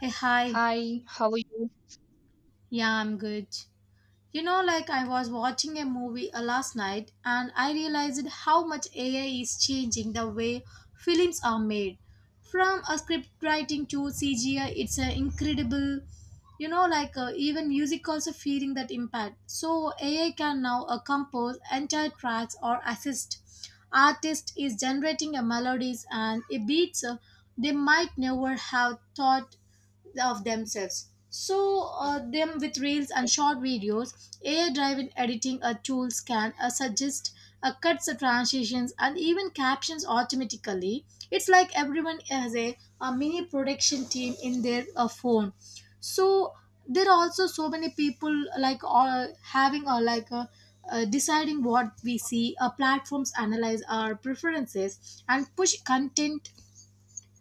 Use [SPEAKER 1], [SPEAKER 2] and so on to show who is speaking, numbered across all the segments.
[SPEAKER 1] Hey, hi.
[SPEAKER 2] Hi, how are you?
[SPEAKER 1] Yeah, I'm good. Like I was watching a movie last night, and I realized how much AI is changing the way films are made. From a script writing to CGI, it's an incredible, even music also feeling that impact. So AI can now compose entire tracks or assist. Artist is generating a melodies and a beats they might never have thought of themselves. So them with reels and short videos, AI-driven editing a tools can suggest a cuts, transitions, and even captions automatically. It's like everyone has a mini production team in their phone. So there are also so many people like having or deciding what we see. Platforms analyze our preferences and push content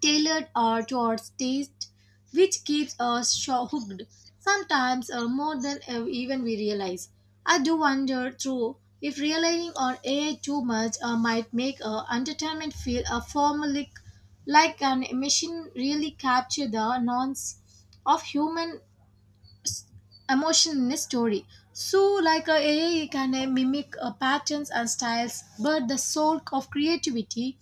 [SPEAKER 1] tailored towards taste, which keeps us hooked, sometimes more than even we realize. I do wonder, though, if relying on AI too much might make entertainment feel a formulaic, like an machine really capture the nuance of human emotion in a story. So, AI can mimic patterns and styles, but the soul of creativity,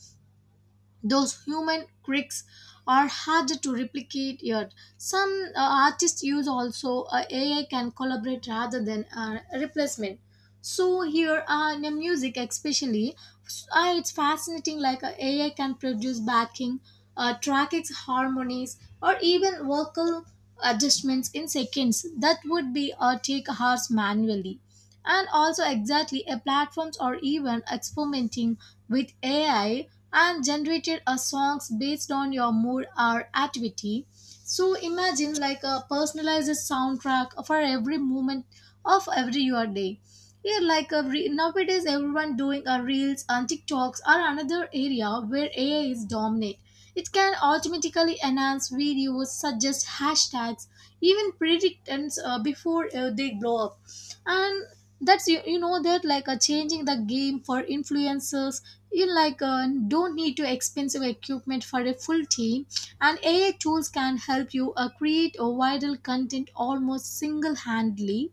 [SPEAKER 1] those human quirks, are hard to replicate yet. Some artists use also AI can collaborate rather than replacement. So here in the music especially, it's fascinating like AI can produce backing, tracks, harmonies, or even vocal adjustments in seconds that would be take hours manually, and also exactly a platforms or even experimenting with AI and generated a songs based on your mood or activity. So imagine like a personalized soundtrack for every moment of every your day. Yeah, nowadays everyone doing a reels and TikToks are another area where AI is dominant. It can automatically enhance videos, suggest hashtags, even predict trends before they blow up, and that's, you know, that changing the game for influencers. You don't need to expensive equipment for a full team, and AI tools can help you create a viral content almost single-handedly.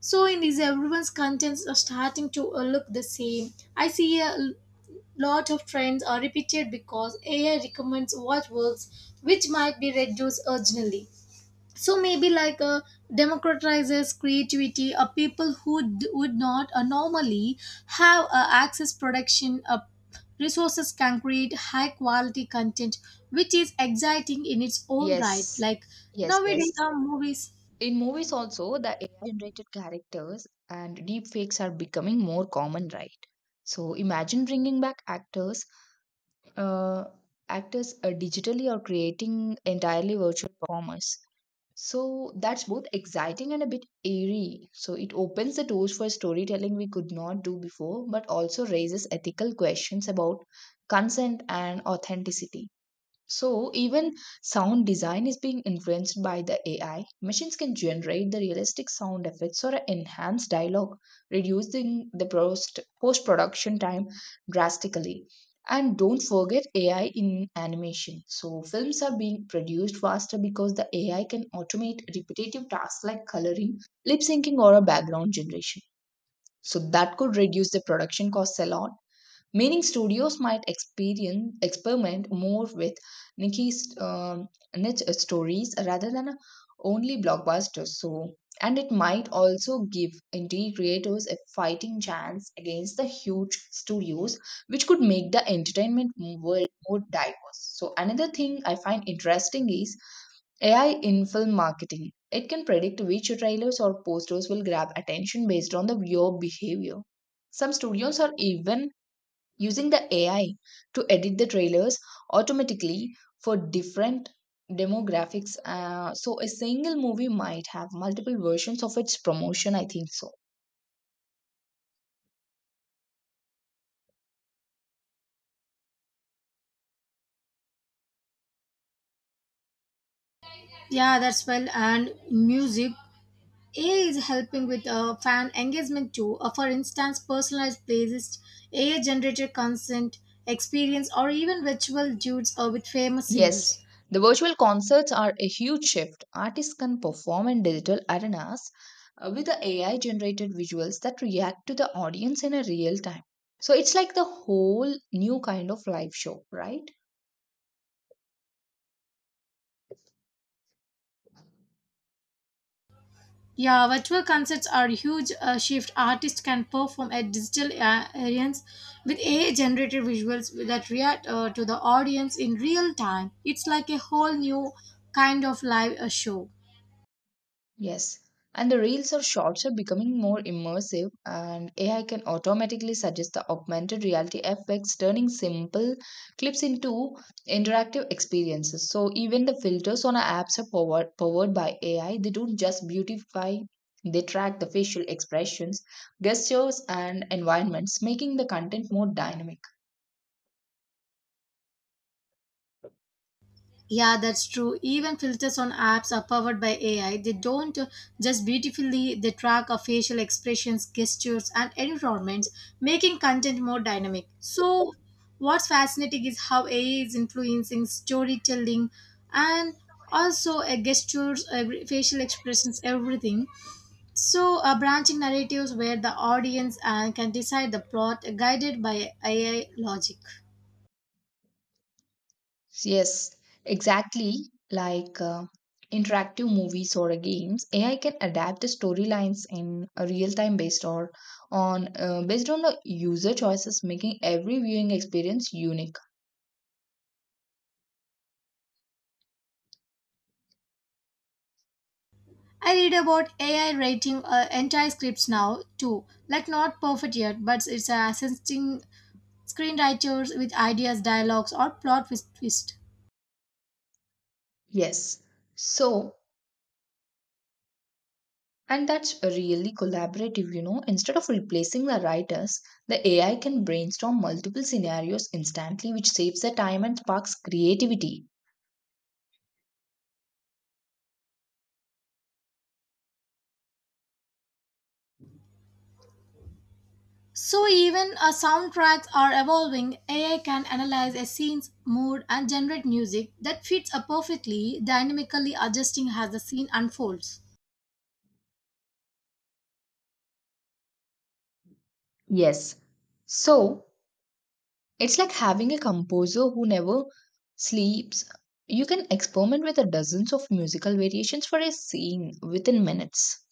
[SPEAKER 1] So in these, everyone's contents are starting to look the same. I see lot of trends are repeated because AI recommends what works, which might be reduced originally. So maybe democratizes creativity, a people who would not normally have access production resources can create high quality content, which is exciting in its own right,
[SPEAKER 2] Yes,
[SPEAKER 1] like
[SPEAKER 2] yes,
[SPEAKER 1] nowadays
[SPEAKER 2] yes.
[SPEAKER 1] movies.
[SPEAKER 2] In movies also, the AI-generated characters and deepfakes are becoming more common, right? So imagine bringing back actors, uh, digitally or creating entirely virtual performers. So that's both exciting and a bit eerie. So it opens the doors for storytelling we could not do before, but also raises ethical questions about consent and authenticity. So even sound design is being influenced by the AI. Machines can generate the realistic sound effects or enhance dialogue, reducing the post production time drastically. And don't forget AI in animation. So films are being produced faster because the AI can automate repetitive tasks like coloring, lip syncing, or a background generation. So that could reduce the production costs a lot, meaning studios might experience experiment more with Nikki's niche stories rather than only blockbusters. So, and it might also give indie creators a fighting chance against the huge studios, which could make the entertainment world more diverse. So, another thing I find interesting is AI in film marketing. It can predict which trailers or posters will grab attention based on the viewer behavior. Some studios are even using the AI to edit the trailers automatically for different demographics. So a single movie might have multiple versions of its promotion, I think so.
[SPEAKER 1] Yeah, that's well, and music AI is helping with fan engagement too. For instance, personalized playlists, AI generated content, experience, or even virtual dudes with famous singers.
[SPEAKER 2] Yes, the virtual concerts are a huge shift. Artists can perform in digital arenas with the AI generated visuals that react to the audience in a real time. So it's like the whole new kind of live show, right?
[SPEAKER 1] Yeah, virtual concerts are a huge shift. Artists can perform at digital arenas with AI-generated visuals that react to the audience in real time. It's like a whole new kind of live show.
[SPEAKER 2] Yes. And the reels or shorts are becoming more immersive, and AI can automatically suggest the augmented reality effects, turning simple clips into interactive experiences. So, even the filters on our apps are powered by AI. They don't just beautify, they track the facial expressions, gestures, and environments, making the content more dynamic.
[SPEAKER 1] Yeah, that's true. Even filters on apps are powered by AI. They don't just beautifully, they track our facial expressions, gestures, and environments, making content more dynamic. So, what's fascinating is how AI is influencing storytelling, and also gestures, every, facial expressions, everything. So, branching narratives where the audience can decide the plot guided by AI logic.
[SPEAKER 2] Yes, exactly. Interactive movies or games, AI can adapt the storylines in a real time based on the user choices, making every viewing experience unique.
[SPEAKER 1] I read about AI writing entire scripts now too, like not perfect yet, but it's assisting screenwriters with ideas, dialogues, or plot with twist.
[SPEAKER 2] Yes. So, and that's really collaborative, you know. Instead of replacing the writers, the AI can brainstorm multiple scenarios instantly, which saves the time and sparks creativity.
[SPEAKER 1] So even soundtracks are evolving. AI can analyze a scene's mood and generate music that fits perfectly, dynamically adjusting as the scene unfolds.
[SPEAKER 2] Yes. So, it's like having a composer who never sleeps. You can experiment with the dozens of musical variations for a scene within minutes.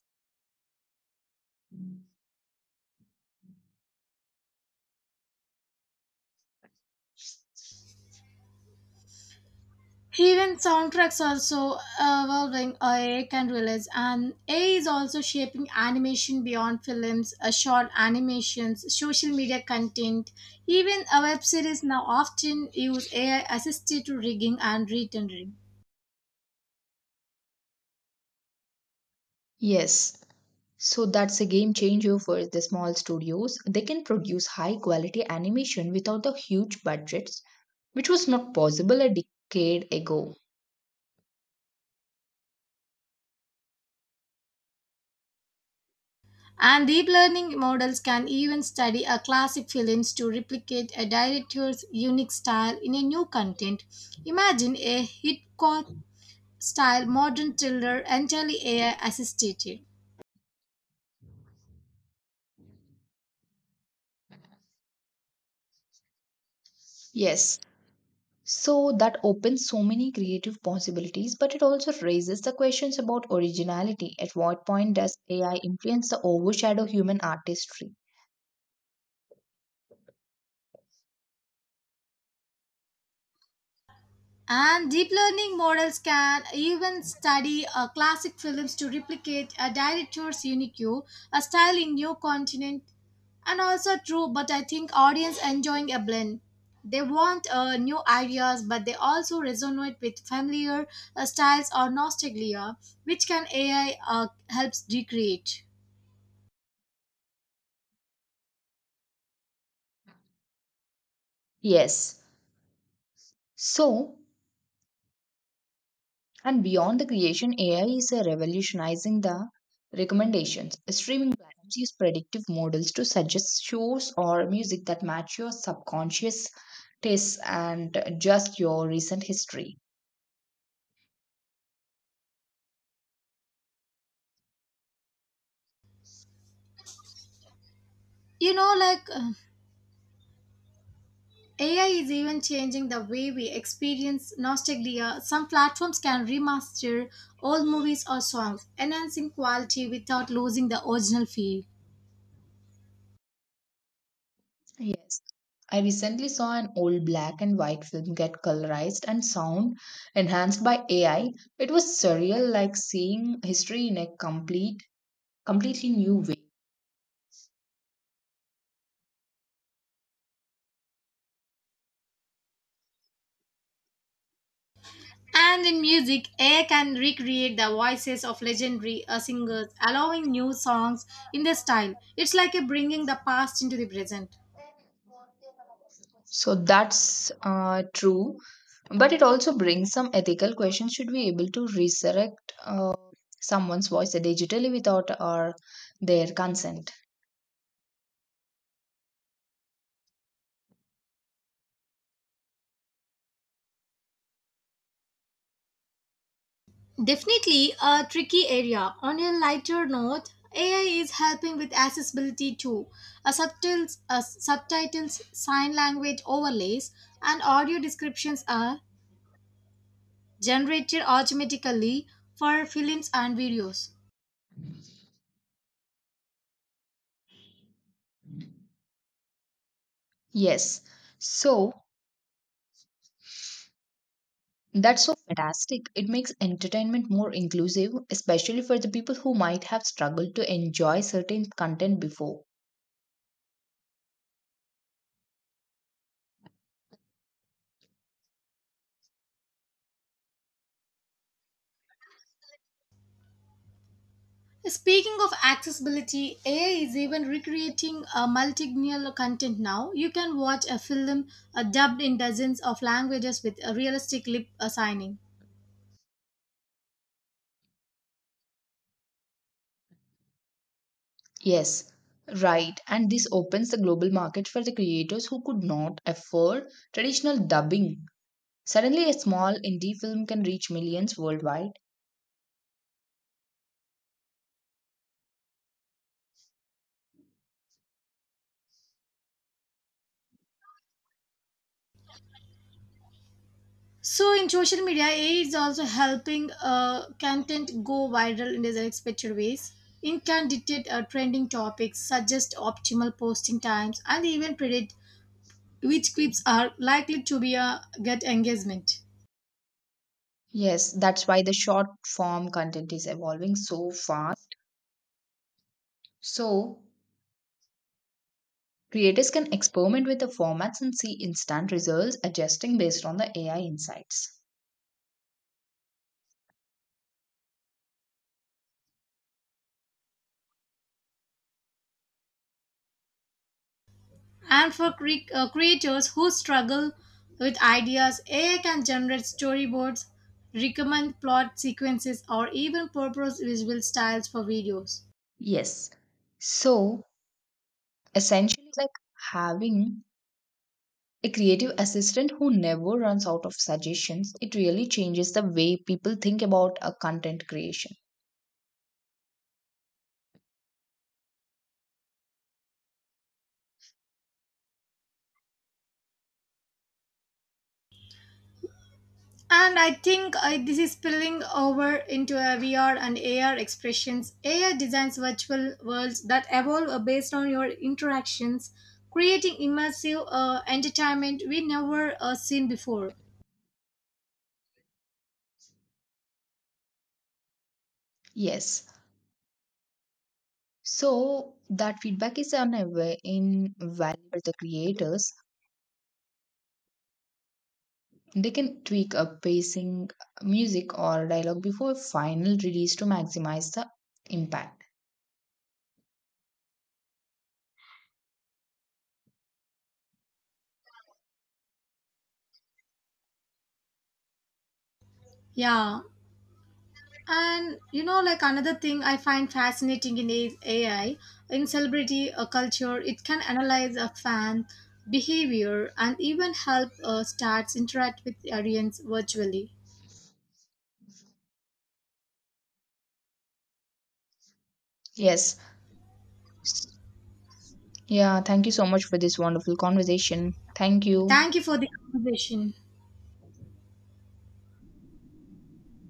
[SPEAKER 1] Even soundtracks are so evolving AI can realize, and AI is also shaping animation beyond films, short animations, social media content. Even a web series now often use AI assisted to rigging and retendering.
[SPEAKER 2] Yes, so that's a game changer for the small studios. They can produce high quality animation without the huge budgets, which was not possible a decade ago.
[SPEAKER 1] And deep learning models can even study a classic films to replicate a director's unique style in a new content. Imagine a Hitchcock style modern thriller entirely AI assisted.
[SPEAKER 2] Yes, so that opens so many creative possibilities, but it also raises the questions about originality. At what point does AI influence the overshadow human artistry?
[SPEAKER 1] And deep learning models can even study classic films to replicate a director's unique view, a style in new continent. And also true, but I think audience enjoying a blend. They want new ideas, but they also resonate with familiar styles or nostalgia, which can AI helps recreate.
[SPEAKER 2] Yes. So, and beyond the creation, AI is revolutionizing the recommendations. Streaming platforms use predictive models to suggest shows or music that match your subconscious tastes and just your recent history.
[SPEAKER 1] You know, like uh, AI is even changing the way we experience nostalgia. Some platforms can remaster old movies or songs, enhancing quality without losing the original feel.
[SPEAKER 2] Yes. I recently saw an old black and white film get colorized and sound enhanced by AI. It was surreal, like seeing history in completely new way.
[SPEAKER 1] And in music, AI can recreate the voices of legendary singers, allowing new songs in their style. It's like a bringing the past into the present.
[SPEAKER 2] So that's true. But it also brings some ethical questions. Should we able to resurrect someone's voice digitally without or their consent?
[SPEAKER 1] Definitely a tricky area. On a lighter note, AI is helping with accessibility too. A subtitles, sign language overlays, and audio descriptions are generated automatically for films and videos.
[SPEAKER 2] Yes. So that's so fantastic. It makes entertainment more inclusive, especially for the people who might have struggled to enjoy certain content before.
[SPEAKER 1] Speaking of accessibility, AI is even recreating a multilingual content now. You can watch a film dubbed in dozens of languages with a realistic lip signing.
[SPEAKER 2] Yes, right. And this opens the global market for the creators who could not afford traditional dubbing. Suddenly, a small indie film can reach millions worldwide.
[SPEAKER 1] So in social media, AI is also helping content go viral in these unexpected ways. It can detect trending topics, suggest optimal posting times, and even predict which clips are likely to be get engagement.
[SPEAKER 2] Yes, that's why the short form content is evolving so fast. So, creators can experiment with the formats and see instant results, adjusting based on the AI insights.
[SPEAKER 1] And for creators who struggle with ideas, AI can generate storyboards, recommend plot sequences, or even purpose visual styles for videos.
[SPEAKER 2] Yes. So, essentially, like having a creative assistant who never runs out of suggestions, it really changes the way people think about a content creation.
[SPEAKER 1] And I think this is spilling over into VR and AR expressions. AI designs virtual worlds that evolve based on your interactions, creating immersive entertainment we never seen before.
[SPEAKER 2] Yes. So that feedback is unaware in value for the creators. They can tweak a pacing, music, or dialogue before final release to maximize the impact.
[SPEAKER 1] Yeah. And another thing I find fascinating in is AI, in celebrity culture, it can analyze a fan behavior and even help stars interact with the audience virtually.
[SPEAKER 2] Yes. Yeah. Thank you so much for this wonderful conversation. Thank you.
[SPEAKER 1] Thank you for the conversation.